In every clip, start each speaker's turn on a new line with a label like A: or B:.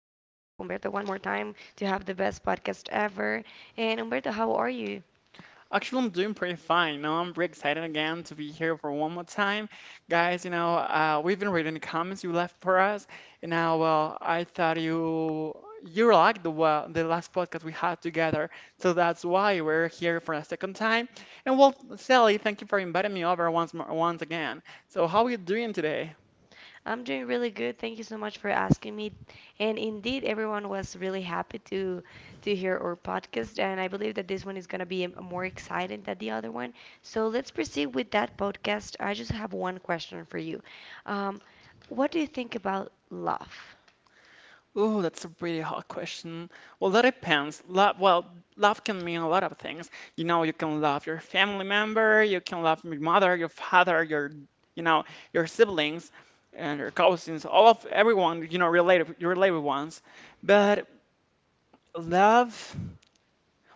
A: Umberto one more time to have the best podcast ever. And Umberto, how are you?
B: Actually, I'm doing pretty fine. Now I'm pretty excited again to be here for one more time. Guys, we've been reading the comments you left for us, and now, well, I thought you liked the last podcast we had together, so that's why we're here for a second time. And well, Sally, thank you for inviting me over once more, once again. So, how are you doing today?
A: I'm doing really good. Thank you so much for asking me. And indeed, everyone was really happy to hear our podcast. And I believe that this one is going to be more exciting than the other one. So let's proceed with that podcast. I just have one question for you. Um, what do you think about love?
B: Ooh, that's a pretty hard question. Well, that depends. Love, well, love can mean a lot of things. You know, you can love your family member, you can love your mother, your father, you know, your siblings and your cousins, all of everyone, related, your related ones. But love,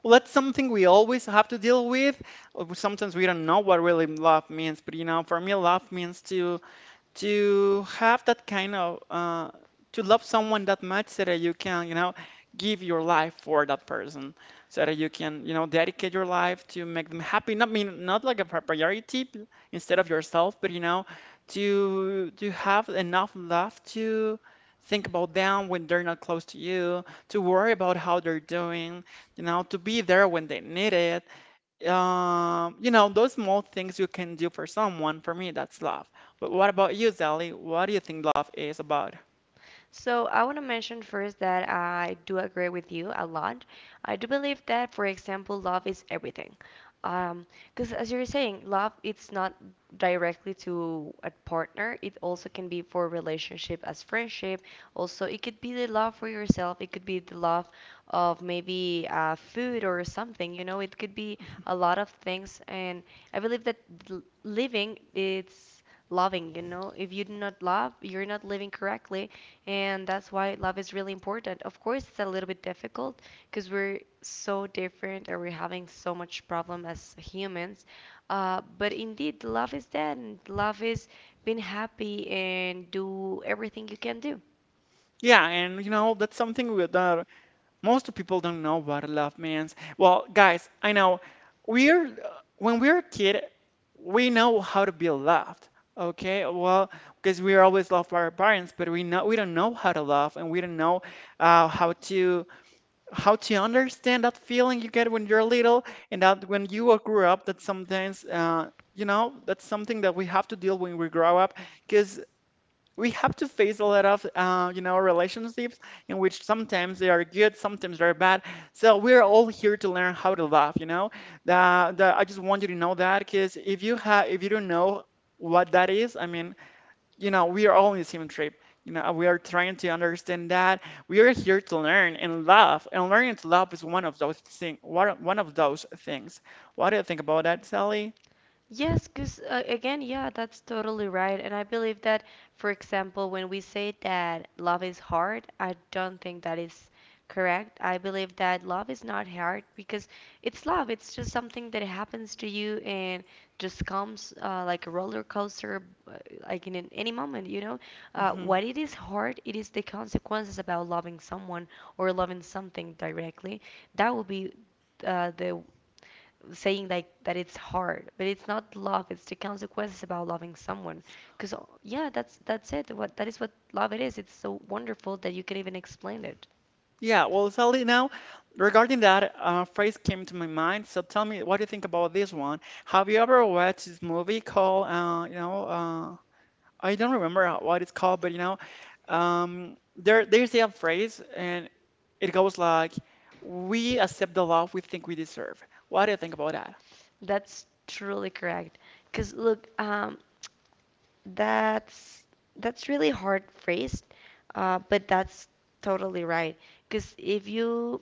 B: well, that's something we always have to deal with. Sometimes we don't know what really love means, but for me, love means to have that kind of to love someone that much so that you can give your life for that person so that you can dedicate your life to make them happy not mean not like a priority instead of yourself but to have enough love to think about them when they're not close to you to worry about how they're doing to be there when they need it those small things you can do for someone, for me, that's love. But what about you, Sally? What do you think love is about?
A: So I want to mention first that I do agree with you a lot. I do believe that, for example, love is everything. Um, Because as you were saying, love it's not directly to a partner. It also can be for relationship as friendship. Also, it could be the love for yourself. It could be the love of maybe food or something. You know, it could be a lot of things. And I believe that living it's loving. You know, if you do not love, you're not living correctly, and that's why love is really important. Of course, it's a little bit difficult because we're so different and we're having so much problem as humans. But indeed, love is that, and love is being happy and do everything you can do.
B: Yeah, and that's something that most people don't know what love means. Well, guys, I know we're when we're a kid, we know how to be loved. Okay, well, because we are always loved by our parents, but we know we don't know how to love, and we don't know uh, how to how to understand that feeling you get when you're little and that when you are grow up that sometimes that's something that we have to deal when we grow up because we have to face a lot of relationships in which sometimes they are good, sometimes they're bad. So we're all here to learn how to laugh. That, I just want you to know that because if you have if you don't know what that is, I mean, we are all on the same trip. You know, we are trying to understand that we are here to learn and love, and learning to love is one of those things. What do you think about that, Sally?
A: Yes, because again, yeah, that's totally right. And I believe that, for example, when we say that love is hard, I don't think that is correct. I believe that love is not hard because it's love. It's just something that happens to you and just comes like a roller coaster, like in an, any moment, you know?
B: Hmm.
A: What it is hard, it is the consequences about loving someone or loving something directly. That would be the saying like that it's hard, but it's not love, it's the consequences about loving someone because yeah, that's it, what that is, what love it is. It's so wonderful that you can even explain it.
B: Yeah, well, Sally, now regarding that phrase came to my mind. So tell me, what do you think about this one? Have you ever watched this movie called, I don't remember what it's called, but there's a phrase, and it goes like, we accept the love we think we deserve. What do you think about that?
A: That's truly correct because look, that's really hard phrased, but that's totally right. Because if you,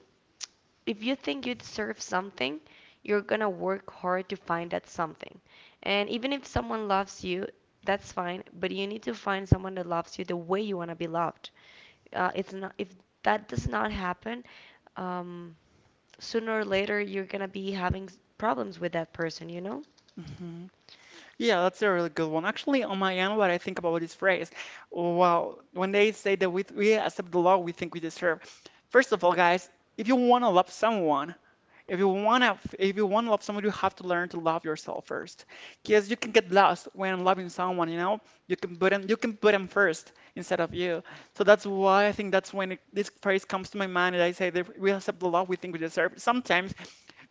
A: if you think you deserve something, you're gonna work hard to find that something. And even if someone loves you, that's fine, but you need to find someone that loves you the way you wanna be loved. It's not, if that does not happen, um, sooner or later you're gonna be having problems with that person, you know?
B: Hmm. Yeah, that's a really good one. Actually, on my end, what I think about this phrase, well, when they say that we accept the love we think we deserve, first of all, guys, if you want to love someone, if you wanna love someone, you have to learn to love yourself first. Because you can get lost when loving someone. You know, you can put them first instead of you. So that's why I think that's when this phrase comes to my mind, and I say that we accept the love we think we deserve. Sometimes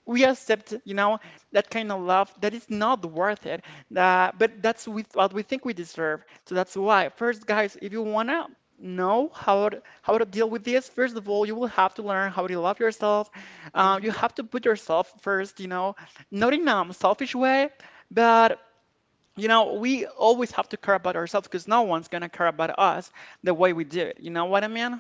B: we accept, that kind of love that is not worth it. But that's with what we think we deserve. So that's why, first, guys, if you wanna know how to deal with this, first of all, you will have to learn how to love yourself. You
A: Hmm.
B: have to put yourself first, not in a selfish way, but you know, we always have to care about ourselves because no one's gonna care about us the way we do it. You know what I mean?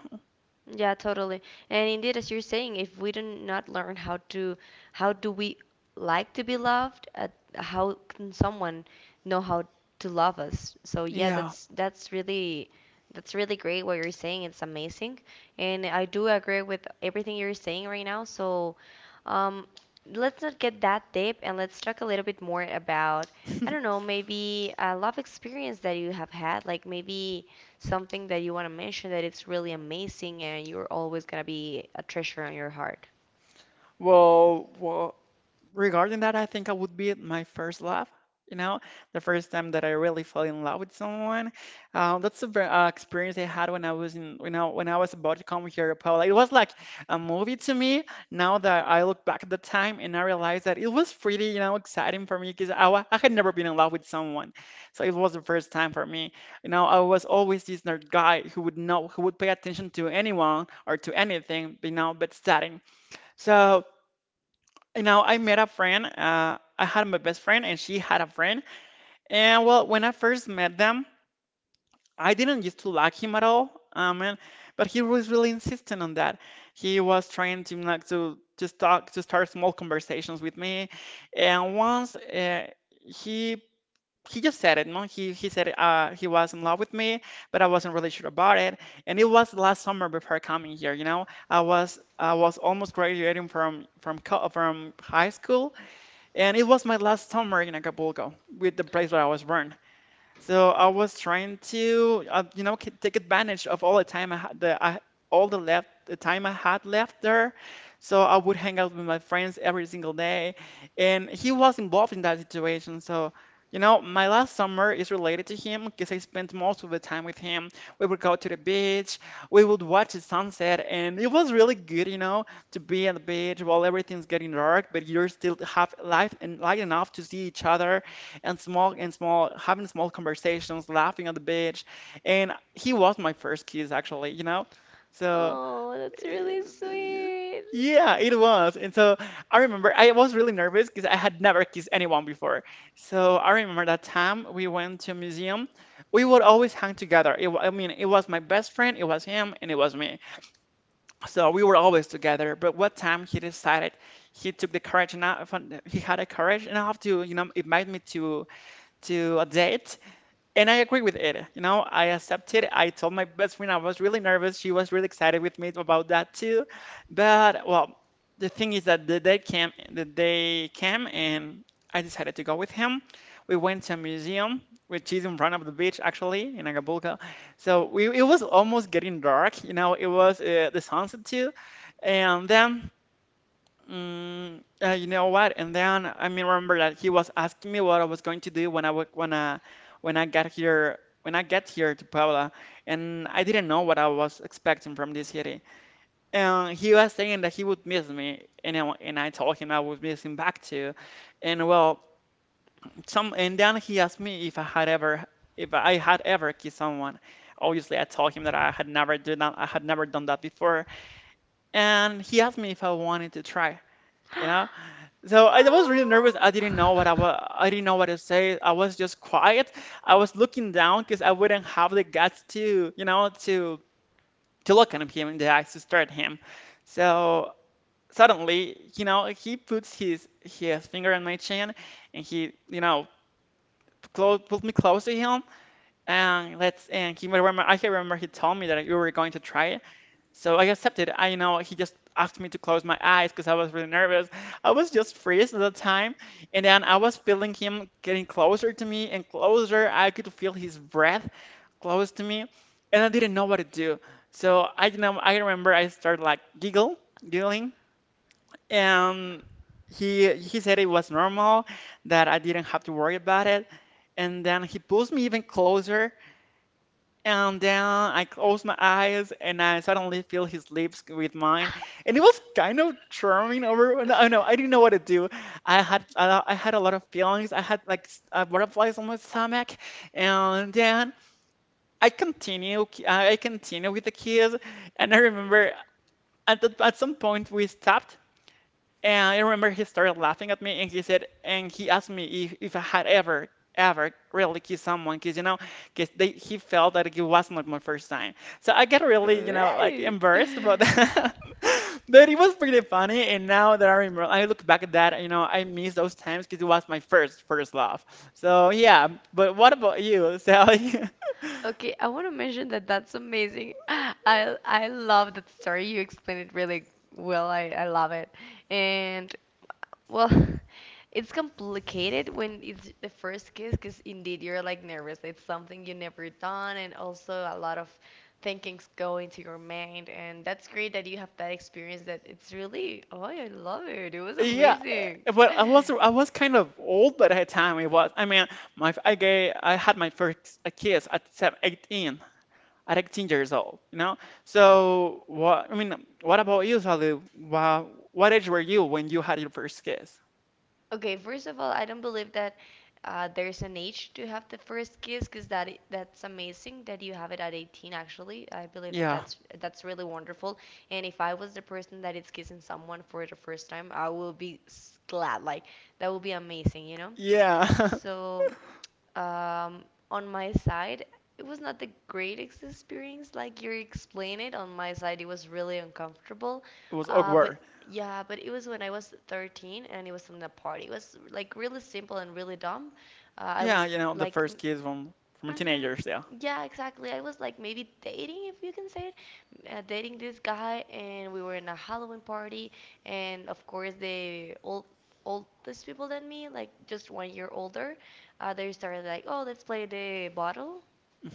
A: Yeah, totally. And indeed, as you're saying, if we do not learn how to, how do we like to be loved? How can someone know how to love us? So yeah,
B: Yeah.
A: that's really, that's really great what you're saying. It's amazing, and I do agree with everything you're saying right now. So, um, let's not get that deep, and let's talk a little bit more about, I don't know, maybe a love experience that you have had, like maybe something that you want to mention that it's really amazing and you're always going to be a treasure on your heart.
B: Well, regarding that, I think I would be at my first love. You know, the first time that I really fell in love with someone. That's the experience I had when I was when I was about to come here to Puebla. It was like a movie to me. Now that I look back at the time and I realize that it was pretty, exciting for me because I had never been in love with someone, so it was the first time for me. You know, I was always this nerd guy who would pay attention to anyone or to anything, but studying. So. And now I met a friend. I had my best friend, and she had a friend. And well, when I first met them, I didn't used to like him at all. But he was really insistent on that. He was trying to like to just talk to start small conversations with me. And once he he just said it, no? He said he was in love with me, but I wasn't really sure about it. And it was last summer before coming here. You know, I was almost graduating from high school, and it was my last summer in Acapulco with the place where I was born. So I was trying to, take advantage of all the time I had, the time I had left there. So I would hang out with my friends every single day, and he was involved in that situation. So, my last summer is related to him because I spent most of the time with him. We would go to the beach, we would watch the sunset, and it was really good, to be at the beach while everything's getting dark, but you're still have light enough to see each other and having small conversations, laughing on the beach. And he was my first kiss, actually, you know? So,
A: Oh, that's
B: eh,
A: really sweet.
B: yeah, it was. And so I remember I was really nervous because I had never kissed anyone before. So I remember that time we went to a museum. We would always hang together. I mean, it was my best friend, it was him, and it was me. So we were always together. But what time he decided he took the courage enough, he had a courage enough to, invite me to a date, and I agree with it. You know, I accepted. I told my best friend I was really nervous. She was really excited with me about that too. But well, the thing is that the date came, the day came, and I decided to go with him. We went to a museum, which is in front of the beach actually in Acapulco. So it was almost getting dark, it was the sunset too. And then you know what? And then, I mean, remember that he was asking me what I was going to do when I got here when I get here to Puebla, and I didn't know what I was expecting from this city. And he was saying that he would miss me, and I told him I would miss him back too. And well, some and then he asked me if I had ever kissed someone. Obviously, I told him that I had never done that. I had never done that before, and he asked me if I wanted to try. You know. So I was really nervous. I didn't know what I
A: Oh.
B: was. I didn't know what to say. I was just quiet. I was looking down because I wouldn't have the guts to, you know, to look at him in the eyes to stare at him. So suddenly, he puts his finger on my chin, and he, pulled me close to him. And he remember. I can remember he told me that you were going to try it. So I accepted. I you know He just asked me to close my eyes because I was really nervous. I was just freeze at the time, and then I was feeling him getting closer to me and closer. I could feel his breath close to me, and I didn't know what to do. So I you know I remember I started like giggling, and he said it was normal that I didn't have to worry about it. And then he pulls me even closer, and then I closed my eyes and I suddenly feel his lips with mine. And it was kind of charming over. I know, I didn't know what to do. I had a lot of feelings. I had like butterflies on my stomach. And then I continue with the kiss, and I remember at some point we stopped, and I remember he started laughing at me, and he asked me if I had ever really kissed someone because he felt that it was not my first time. So I get really, like
A: Right.
B: embarrassed about that. But it was pretty funny. And now that I remember, I look back at that, I miss those times because it was my first love. So yeah, but what about you, Sally?
A: Okay, I want to mention that that's amazing. I love that story. You explained it really well. I love it. And well, it's complicated when it's the first kiss because indeed you're like nervous. It's something you never done, and also a lot of thinkings go into your mind. And that's great that you have that experience. That it's really, oh, I love it. It was
B: Yeah,
A: amazing.
B: eh, but I was kind of old by that time. It was I mean, my I gay I had my first kiss at 18 years old. You know, so what I mean, what about you, Salu? Wow, what age were you when you had your first kiss?
A: Okay, first of all, I don't believe that there's an age to have the first kiss because that's amazing that you have it at 18 actually. I believe that
B: Yeah,
A: that's really wonderful. And if I was the person that is kissing someone for the first time, I will be glad. Like, that will be amazing, you know?
B: yeah,
A: So um, on my side, it was not the greatest experience. Like you explain it, on my side, it was really uncomfortable.
B: it was
A: But
B: awkward.
A: yeah, but it was when I was 13 and it was in a party. It was like really simple and really dumb. I
B: Yeah,
A: was
B: you know the
A: like m-
B: first kiss from
A: Hmm.
B: teenagers. Yeah.
A: Yeah, exactly. I was like maybe dating, if you can say it, dating this guy, and we were in a Halloween party, and of course the oldest people than me, like just 1 year older, they started like, oh, let's play the bottle,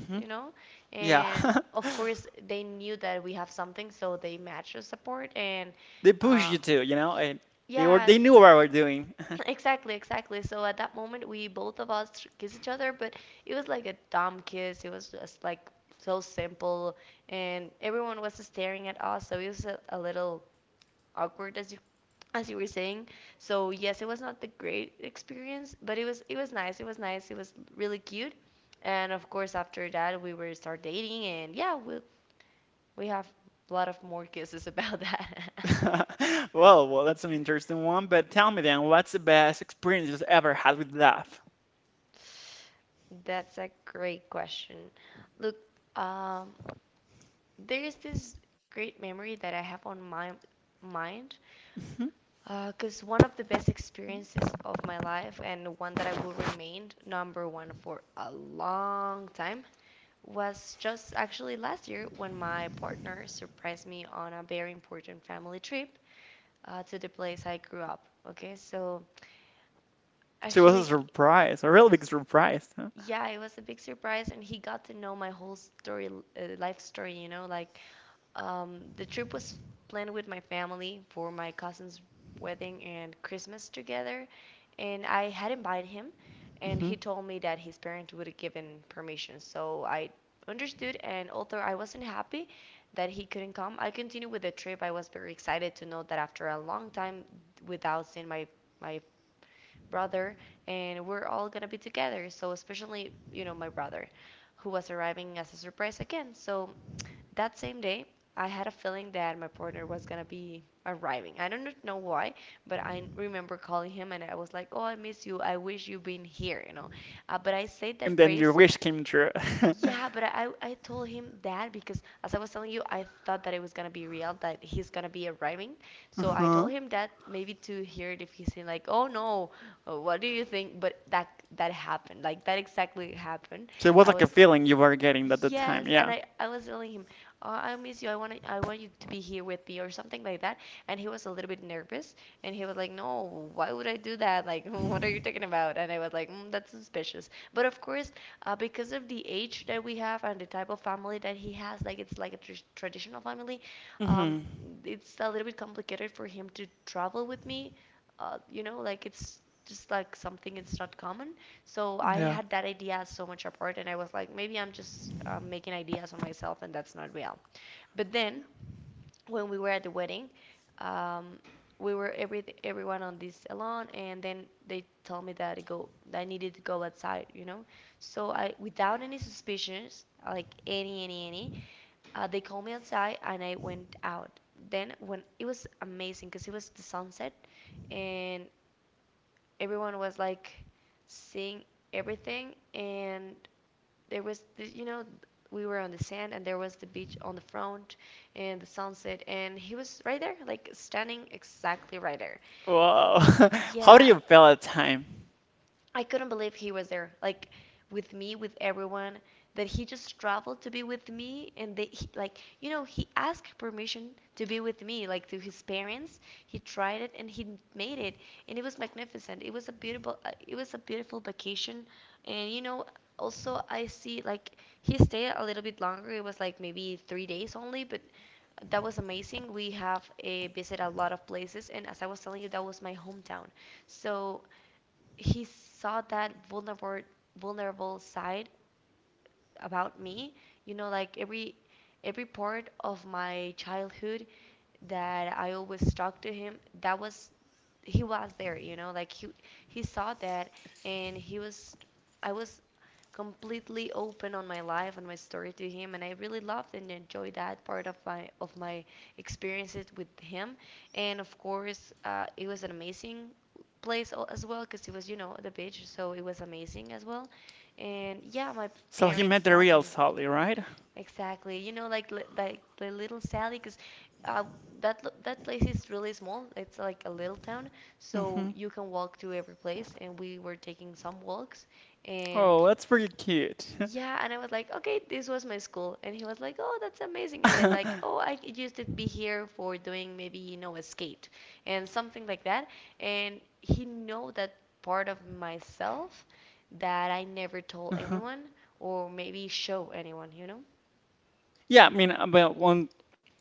B: Hmm.
A: you know,
B: Yeah.
A: and of course they knew that we have something, so they matched us support, and
B: They push
A: uh,
B: you to, and they were
A: yeah.
B: they knew what I were doing.
A: Exactly, exactly. So at that moment, we both of us kiss each other, but it was like a dumb kiss. It was just like so simple, and everyone was staring at us, so it was a little awkward, as you were saying. So yes, it was not the great experience, but it was nice. It was nice. It was really cute, and of course after that we were start dating, and yeah, we have a lot of more kisses about that.
B: Well, well, that's an interesting one, but tell me then, what's the best experience you've ever had with love?
A: That's a great question. Look, um, There is this great memory that I have on my mind
B: Hmm.
A: because one of the best experiences of my life and one that I will remain number one for a long time was just actually last year when my partner surprised me on a very important family trip to the place I grew up. Okay, so
B: It was
A: actually,
B: a surprise, a real big surprise, huh?
A: yeah, it was a big surprise, and he got to know my whole story, life story, you know, like. The trip was planned with my family for my cousin's wedding and Christmas together, and I had invited him, and he
B: Hmm.
A: told me that his parents would have given permission. So I understood, and although I wasn't happy that he couldn't come, I continued with the trip. I was very excited to know that after a long time without seeing my brother, and we're all gonna be together. So especially, you know, my brother, who was arriving as a surprise again. So that same day, I had a feeling that my partner was gonna be arriving. I don't know why, but I remember calling him and I was like, "Oh, I miss you. I wish you'd been here," you know. But I said
B: And
A: that
B: then your
A: phrase,
B: wish came true.
A: yeah, but I told him that because as I was telling you, I thought that it was gonna be real that he's gonna be arriving. So I
B: Uh-huh.
A: told him that maybe to hear it if he's saying like, "Oh no, what do you think?" But that that happened. Like that exactly happened.
B: So it was
A: I
B: like a
A: was
B: feeling you were getting at the time,
A: Yes, and
B: yeah.
A: I was telling him, oh, I miss you. I want you to be here with me or something like that. And he was a little bit nervous, and he was like, No, why would I do that? Like, what are you talking about? And I was like, mm, that's suspicious. But of course, because of the age that we have and the type of family that he has, like it's like a tr traditional family, um,
B: Hmm.
A: it's a little bit complicated for him to travel with me. You know, like it's just like something, it's not common. So I
B: Yeah.
A: had that idea so much apart, and I was like, maybe I'm just making ideas on myself, and that's not real. But then, when we were at the wedding, um, we were everyone on this salon, and then they told me that I needed to go outside, you know. So I, without any suspicions, like any, they called me outside, and I went out. Then when it was amazing, cause it was the sunset, and everyone was like seeing everything, and there was the, you know, we were on the sand and there was the beach on the front and the sunset, and he was right there like standing exactly right there.
B: Wow. How do
A: Yeah,
B: you feel at the time?
A: I couldn't believe he was there, like with me, with everyone, that he just traveled to be with me. And they, he, like, you know, he asked permission to be with me, like to his parents. He tried it and he made it, and it was magnificent. It was a beautiful, it was a beautiful vacation. And you know, also I see like he stayed a little bit longer. It was like maybe 3 days only, but that was amazing. We have visited a lot of places, and as I was telling you, that was my hometown. So he saw that vulnerable side about me, you know, like every part of my childhood that I always talked to him, that was he was there, you know, like he saw that. And he was I was completely open on my life and my story to him, and I really loved and enjoyed that part of my experiences with him. And of course, it was an amazing place as well, because it was, you know, the beach, so it was amazing as well. And yeah, my
B: So he met
A: parents
B: the
A: loved
B: real
A: me
B: Sally, right?
A: exactly, you know, like like the little Sally, because uh, that that place is really small. It's like a little town, so
B: Hmm.
A: you can walk to every place, and we were taking some walks. And
B: Oh, that's pretty cute.
A: yeah, and I was like, okay, this was my school. And he was like, oh, that's amazing. And then, like, oh, I used to be here for doing maybe, you know, a skate and something like that. And he know that part of myself that I never told
B: Uh-huh.
A: anyone or maybe show anyone, you know?
B: Yeah, I mean, well,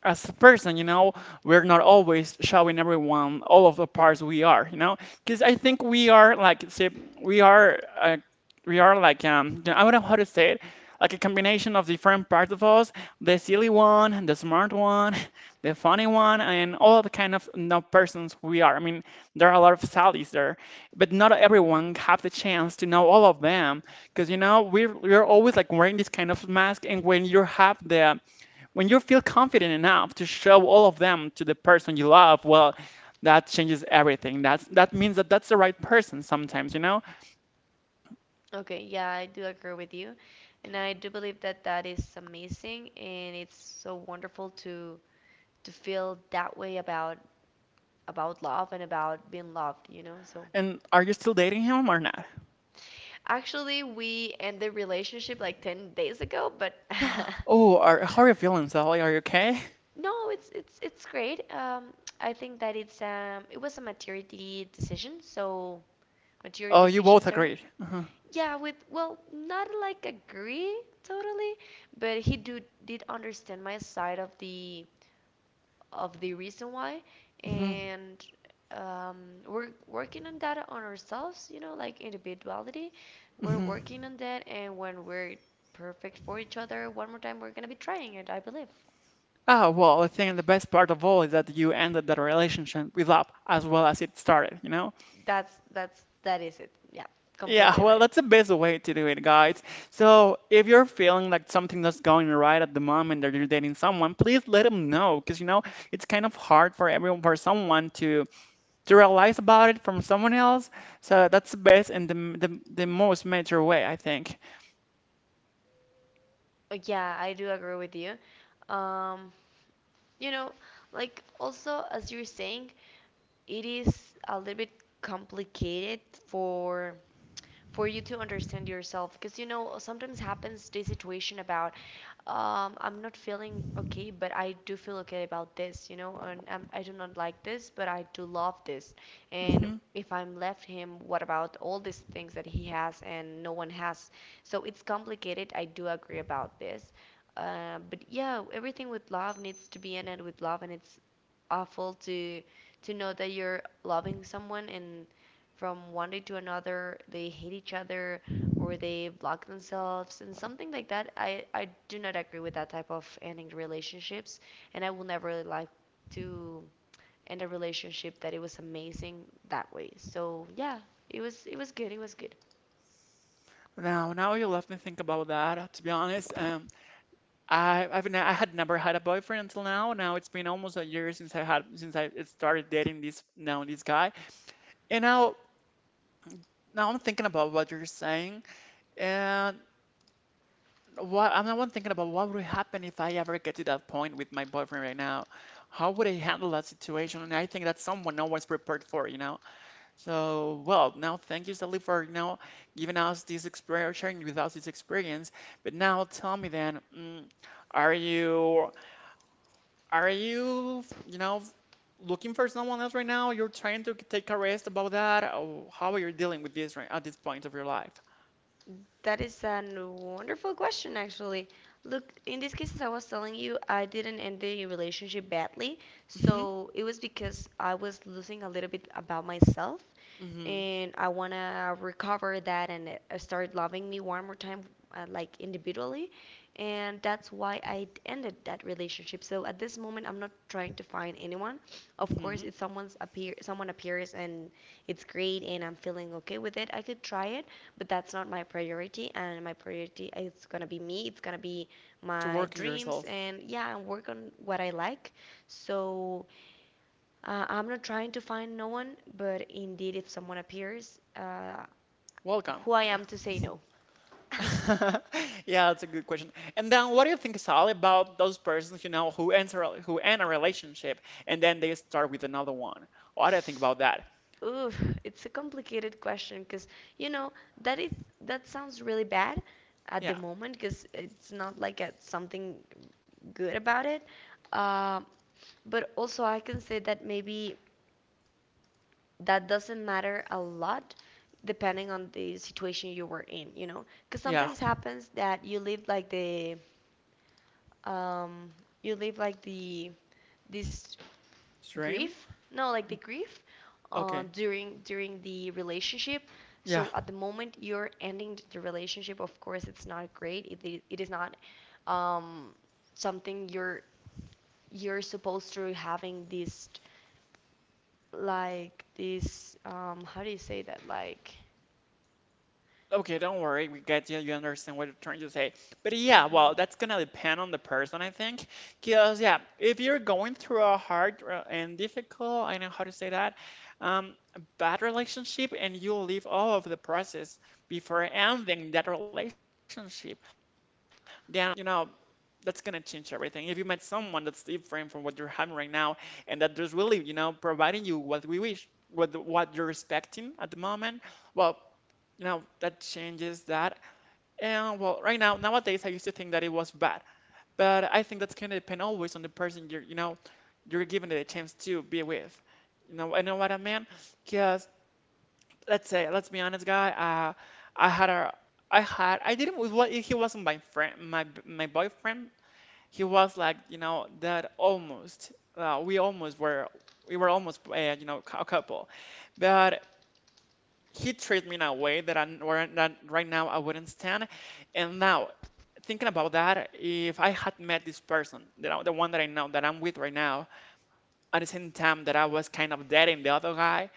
B: as a person, you know, we're not always showing everyone all of the parts we are, you know, because I think we are like, say, we are, uh, we are like, I don't know how to say it, like a combination of different parts of us, the silly one, the smart one, the funny one, and all the kind of, persons we are. I mean, there are a lot of Sallys there, but not
A: Hmm.
B: everyone have the chance to know all of them because, we're always like wearing this kind of mask, and when you have the when you feel confident enough to show all of them to the person you love, well, that changes everything. That means that that's the right person sometimes, you know?
A: Okay, yeah, I do agree with you. And I do believe that that is amazing, and it's so wonderful to feel that way about love and about being loved, you know? So,
B: And are you still dating him or not?
A: actually, we ended relationship like 10 days ago, but
B: Oh, how are you feeling, Sally? Are you okay?
A: no, it's great. I think that it was a maturity decision, so mature
B: Oh, you both
A: decisions are
B: agree. Uh-huh.
A: yeah, with, well, not like agree totally, but he do did understand my side of the reason why.
B: Hmm.
A: And um, we're working on that, on ourselves, you know, like individuality. We're
B: Hmm.
A: working on that, and when we're perfect for each other one more time, we're gonna be trying it, I believe.
B: Ah, well, I think the best part of all is that you ended that relationship with love as well as it started, you know?
A: That is it, yeah,
B: Yeah,
A: completely
B: well,
A: right.
B: that's the best way to do it, guys. So if you're feeling like something that's going right at the moment that you're dating someone, please let them know, because, it's kind of hard for everyone, for someone to realize about it from someone else. So that's the best and the most major way, I think.
A: Yeah, I do agree with you. um you know, like also, as you're saying, it is a little bit complicated for for you to understand yourself, because you know sometimes happens the situation about, I'm not feeling okay, but I do feel okay about this, you know, and I do not like this, but I do love this. And
B: Hmm.
A: if I'm left him, what about all these things that he has and no one has? So it's complicated, I do agree about this. But yeah, everything with love needs to be ended with love, and it's awful to know that you're loving someone, and from one day to another they hate each other or they block themselves and something like that. I do not agree with that type of ending relationships, and I will never really like to end a relationship that it was amazing that way. So yeah, it was, it was good.
B: Now you left me think about that. To be honest, I I've ne I had never had a boyfriend until now. Now it's been almost a year since I had since I started dating this guy. And now Now I'm thinking about what you're saying, and what I'm now I'm thinking about what would happen if I ever get to that point with my boyfriend right now. How would I handle that situation? And I think that's someone always prepared for. So, well, now thank you, Sally, for giving us this experience, sharing with us this experience. But now tell me then, are you are you you know looking for someone else right now? You're trying to take a rest about that, or how are you dealing with this right at this point of your life?
A: That is a wonderful question, actually. Look, in these cases, I was telling you, I didn't end the relationship badly,
B: Mm-hmm.
A: so it was because I was losing a little bit about myself,
B: Hmm.
A: and I want to recover that, and start loving me one more time, like individually. And that's why I ended that relationship. So at this moment, I'm not trying to find anyone. Of course,
B: Hmm.
A: if, someone appears and it's great, and I'm feeling okay with it, I could try it. But that's not my priority, and my priority is gonna be me. It's gonna be
B: To
A: my
B: work on
A: dreams,
B: yourself.
A: and yeah, and work on what I like. So I'm not trying to find no one, but indeed, if someone appears,
B: Welcome.
A: who I
B: Yeah.
A: am to say no.
B: Yeah, that's a good question. And then what do you think, Sally, about those persons, you know, who end a relationship and then they start with another one? What do you think about that?
A: Oof, it's a complicated question, because you know that it that sounds really bad at the
B: Yeah.
A: moment, because it's not like a, something good about it. Uh, but also, I can say that maybe that doesn't matter a lot, depending on the situation you were in, you know, because
B: Yeah.
A: sometimes happens that you live like the um you leave like the this
B: Dream?
A: grief, no, like the grief,
B: Okay.
A: during the relationship.
B: Yeah.
A: So at the moment you're ending the relationship, of course it's not great. It is not um something you're supposed to having this, like this, how do you say that, like.
B: Okay, don't worry. We get you. You understand what you're trying to say. But yeah,
A: Mhm.
B: well, that's gonna depend on the person, I think. Because yeah, if you're going through a hard, and difficult, I know how to say that, um, bad relationship, and you leave all of the process before ending that relationship, then, you know that's gonna change everything. If you met someone that's different from what you're having right now, and that there's really, providing you what we wish, what you're expecting at the moment, well, that changes that. And well, right now, nowadays, I used to think that it was bad, but I think that's gonna depend always on the person you're you know you're given it a chance to be with. You know, I know what I mean. Because let's say, let's be honest, guy. I had a I had I didn't with what he wasn't my friend, my boyfriend. He was like that almost. uh, we almost were we were almost, a couple, but he treated me in a way that right now I wouldn't stand. And now thinking about that, if I had met this person, the one that I know that I'm with right now, at the same time that I was kind of dating the other guy,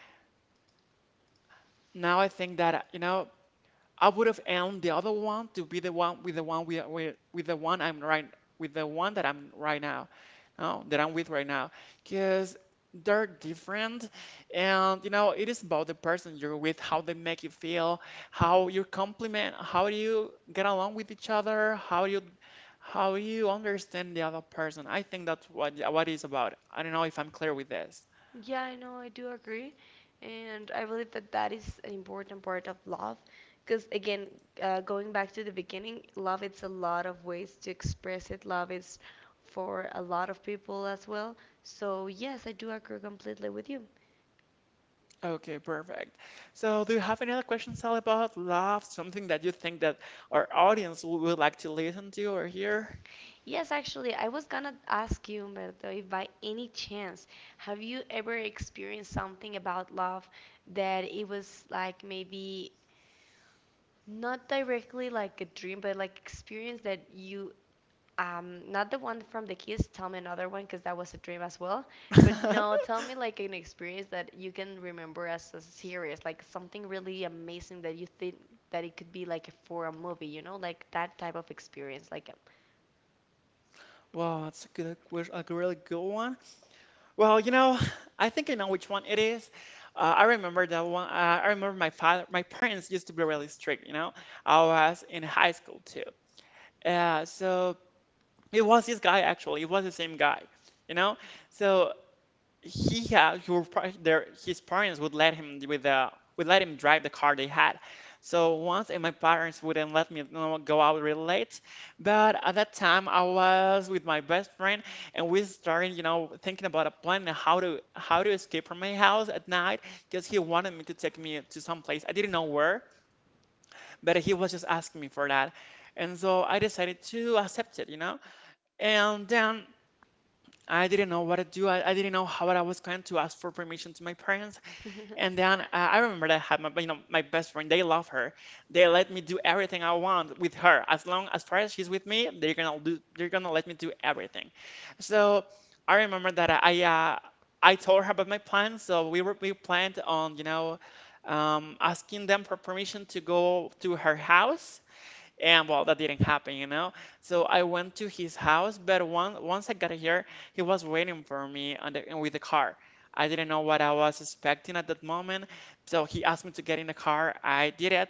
B: now I think that I would have owned the other one to be the one with the one we are with the one I'm right, with the one that I'm right now, no, that I'm with right now, because they're different. And it is about the person you're with, how they make you feel, how you compliment, how you get along with each other, how you understand the other person. I think that's what it's about. I don't know if I'm clear with this.
A: Yeah, I know, I do agree. And I believe that that is an important part of love. Because again, going back to the beginning, love it's a lot of ways to express it. Love is for a lot of people as well. So yes, I do agree completely with you.
B: Okay, perfect. So do you have any other questions, Sally, about love? Something that you think that our audience would like to listen to or hear?
A: Yes, actually, I was gonna ask you, Humberto, if by any chance have you ever experienced something about love that it was like maybe not directly like a dream, but like experience that you not the one from the kiss. Tell me another one, because that was a dream as well. But no, tell me like an experience that you can remember as a series, like something really amazing that you think that it could be like for a movie, you know, like that type of experience, like.
B: Wow, that's a good question, a really good one. Well, I think I know which one it is. I remember that one. I remember my parents used to be really strict. I was in high school too. So it was this guy actually. It was the same guy, you know. So he had your par- their his parents would let him drive the car they had. So once, and my parents wouldn't let me, go out really late. But at that time, I was with my best friend, and we started thinking about a plan and how to escape from my house at night, because he wanted me to take me to some place I didn't know where, but he was just asking me for that, and so I decided to accept it. And then I didn't know what to do. I didn't know how I was going to ask for permission to my parents. And then, I remember that I had my best friend. They love her. They let me do everything I want with her. As long as far as she's with me, they're gonna do. They're gonna let me do everything. So I remember that I told her about my plan. So we planned on asking them for permission to go to her house, and well, that didn't happen. So I went to his house, but once I got here, he was waiting for me with the car. I didn't know what I was expecting at that moment, so he asked me to get in the car. I did it,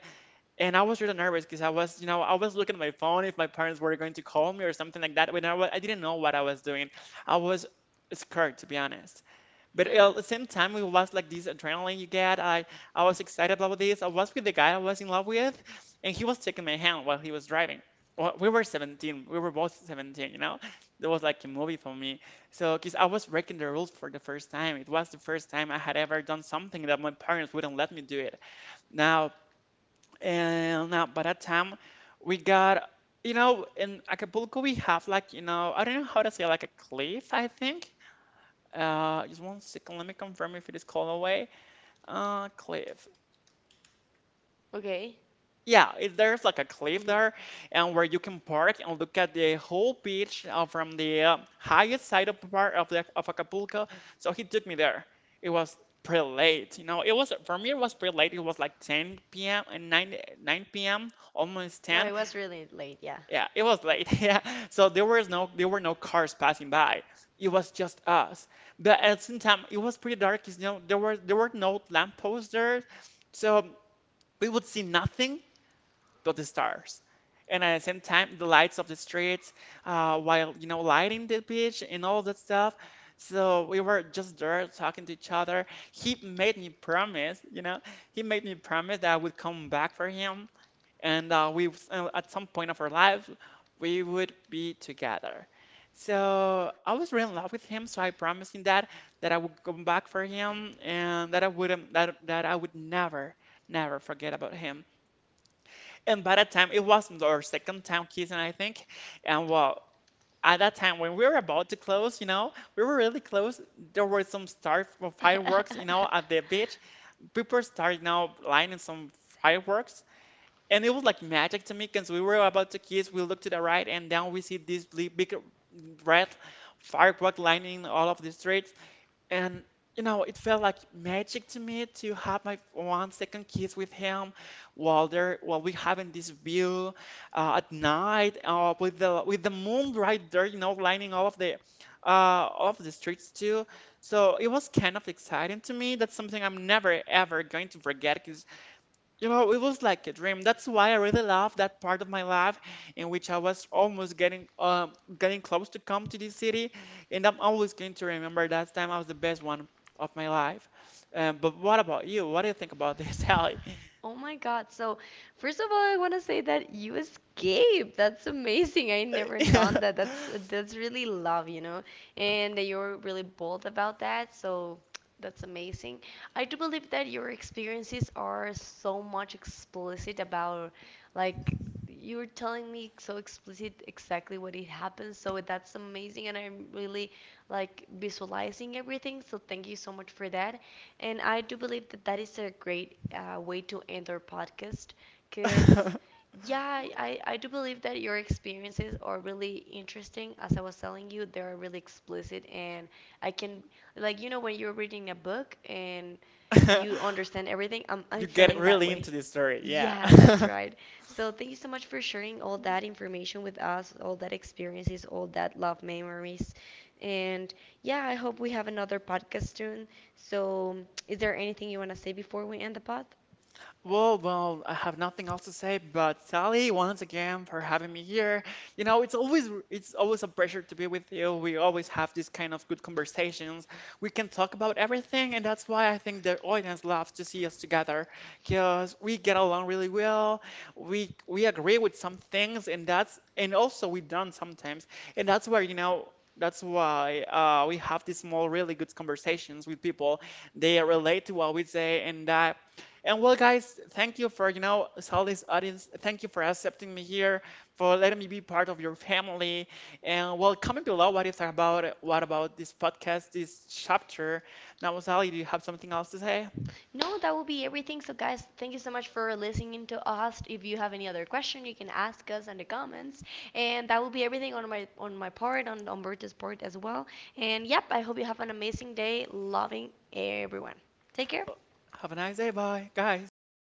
B: and I was really nervous because I was looking at my phone if my parents were going to call me or something like that. But I didn't know what I was doing. I was scared, to be honest. But at the same time, it was like this adrenaline you get. I was excited about this. I was with the guy I was in love with, and he was taking my hand while he was driving. Well, we were 17. We were both 17. It was like a movie for me. So, because I was breaking the rules for the first time. It was the first time I had ever done something that my parents wouldn't let me do it. Now, and now by that time, we got. In Acapulco, we have like, I don't know how to say, like a cliff, I think. Just one second. Let me confirm if it is called away. Cliff.
A: Okay.
B: Yeah, there's like a cliff
A: Hmm.
B: there, and where you can park and look at the whole beach from the highest side of part of the of Acapulco. So he took me there. It was pretty late. It was for me, it was pretty late. It was like 10 p.m. and 9 p.m. almost
A: No,
B: 10.
A: it was really late. Yeah.
B: Yeah, it was late. Yeah. So there were no cars passing by. It was just us. But at the same time, it was pretty dark 'cause, there were no lampposts there. So we would see nothing but the stars. And at the same time, the lights of the streets, while lighting the beach and all that stuff. So we were just there talking to each other. He made me promise, you know, he made me promise that I would come back for him, and we at some point of our lives we would be together. So I was really in love with him, so I promised him that I would come back for him, and that I would never forget about him. And by that time, it was our second time kissing, I think. And well, at that time when we were about to close, we were really close. There were some start for fireworks, at the beach. People started, lighting some fireworks, and it was like magic to me because we were about to kiss. We looked to the right, and down we see this big, big red firework lining all of the streets. And it felt like magic to me to have my one second kiss with him, while we having this view at night, with the moon right there, lining all of the uh, streets too. So it was kind of exciting to me. That's something I'm never ever going to forget because, it was like a dream. That's why I really love that part of my life, in which I was almost getting getting close to come to this city, and I'm always going to remember that time I was the best one of my life. But what about you? What do you think about this, Sally?
A: Oh my God. So, first of all, I want to say that you escaped. That's amazing. I never done that. That's really love, you know, and that you're really bold about that. So, that's amazing. I do believe that your experiences are so much explicit about, like, you were telling me so explicit exactly what it happened. So that's amazing, and I'm really like visualizing everything. So thank you so much for that. And I do believe that that is a great way to end our podcast, because, yeah, I do believe that your experiences are really interesting. As I was telling you, they are really explicit. And I can, like, you know, when you're reading a book and you understand everything,
B: You
A: I'm
B: get
A: feeling that
B: really
A: way.
B: into this story, yeah.
A: Yeah, that's right. So thank you so much for sharing all that information with us, all that experiences, all that love memories. And yeah, I hope we have another podcast soon. So, is there anything you want to say before we end the pod?
B: Well, I have nothing else to say, but Sally, once again for having me here. It's always a pleasure to be with you. We always have these kind of good conversations. We can talk about everything, and that's why I think the audience loves to see us together, because we get along really well. We agree with some things, and also we don't sometimes, and that's where. That's why we have these small, really good conversations with people. They relate to what we say, and well, guys, thank you for, Sally's audience. Thank you for accepting me here, for letting me be part of your family. And well, comment below what you thought about it, what about this podcast, this chapter. Now, Sally, do you have something else to say?
A: No, that will be everything. So, guys, thank you so much for listening to us. If you have any other question, you can ask us in the comments. And that will be everything on my part, on Umberto's part as well. And yep, I hope you have an amazing day, loving everyone. Take care.
B: Have a nice day. Bye, guys. Bye.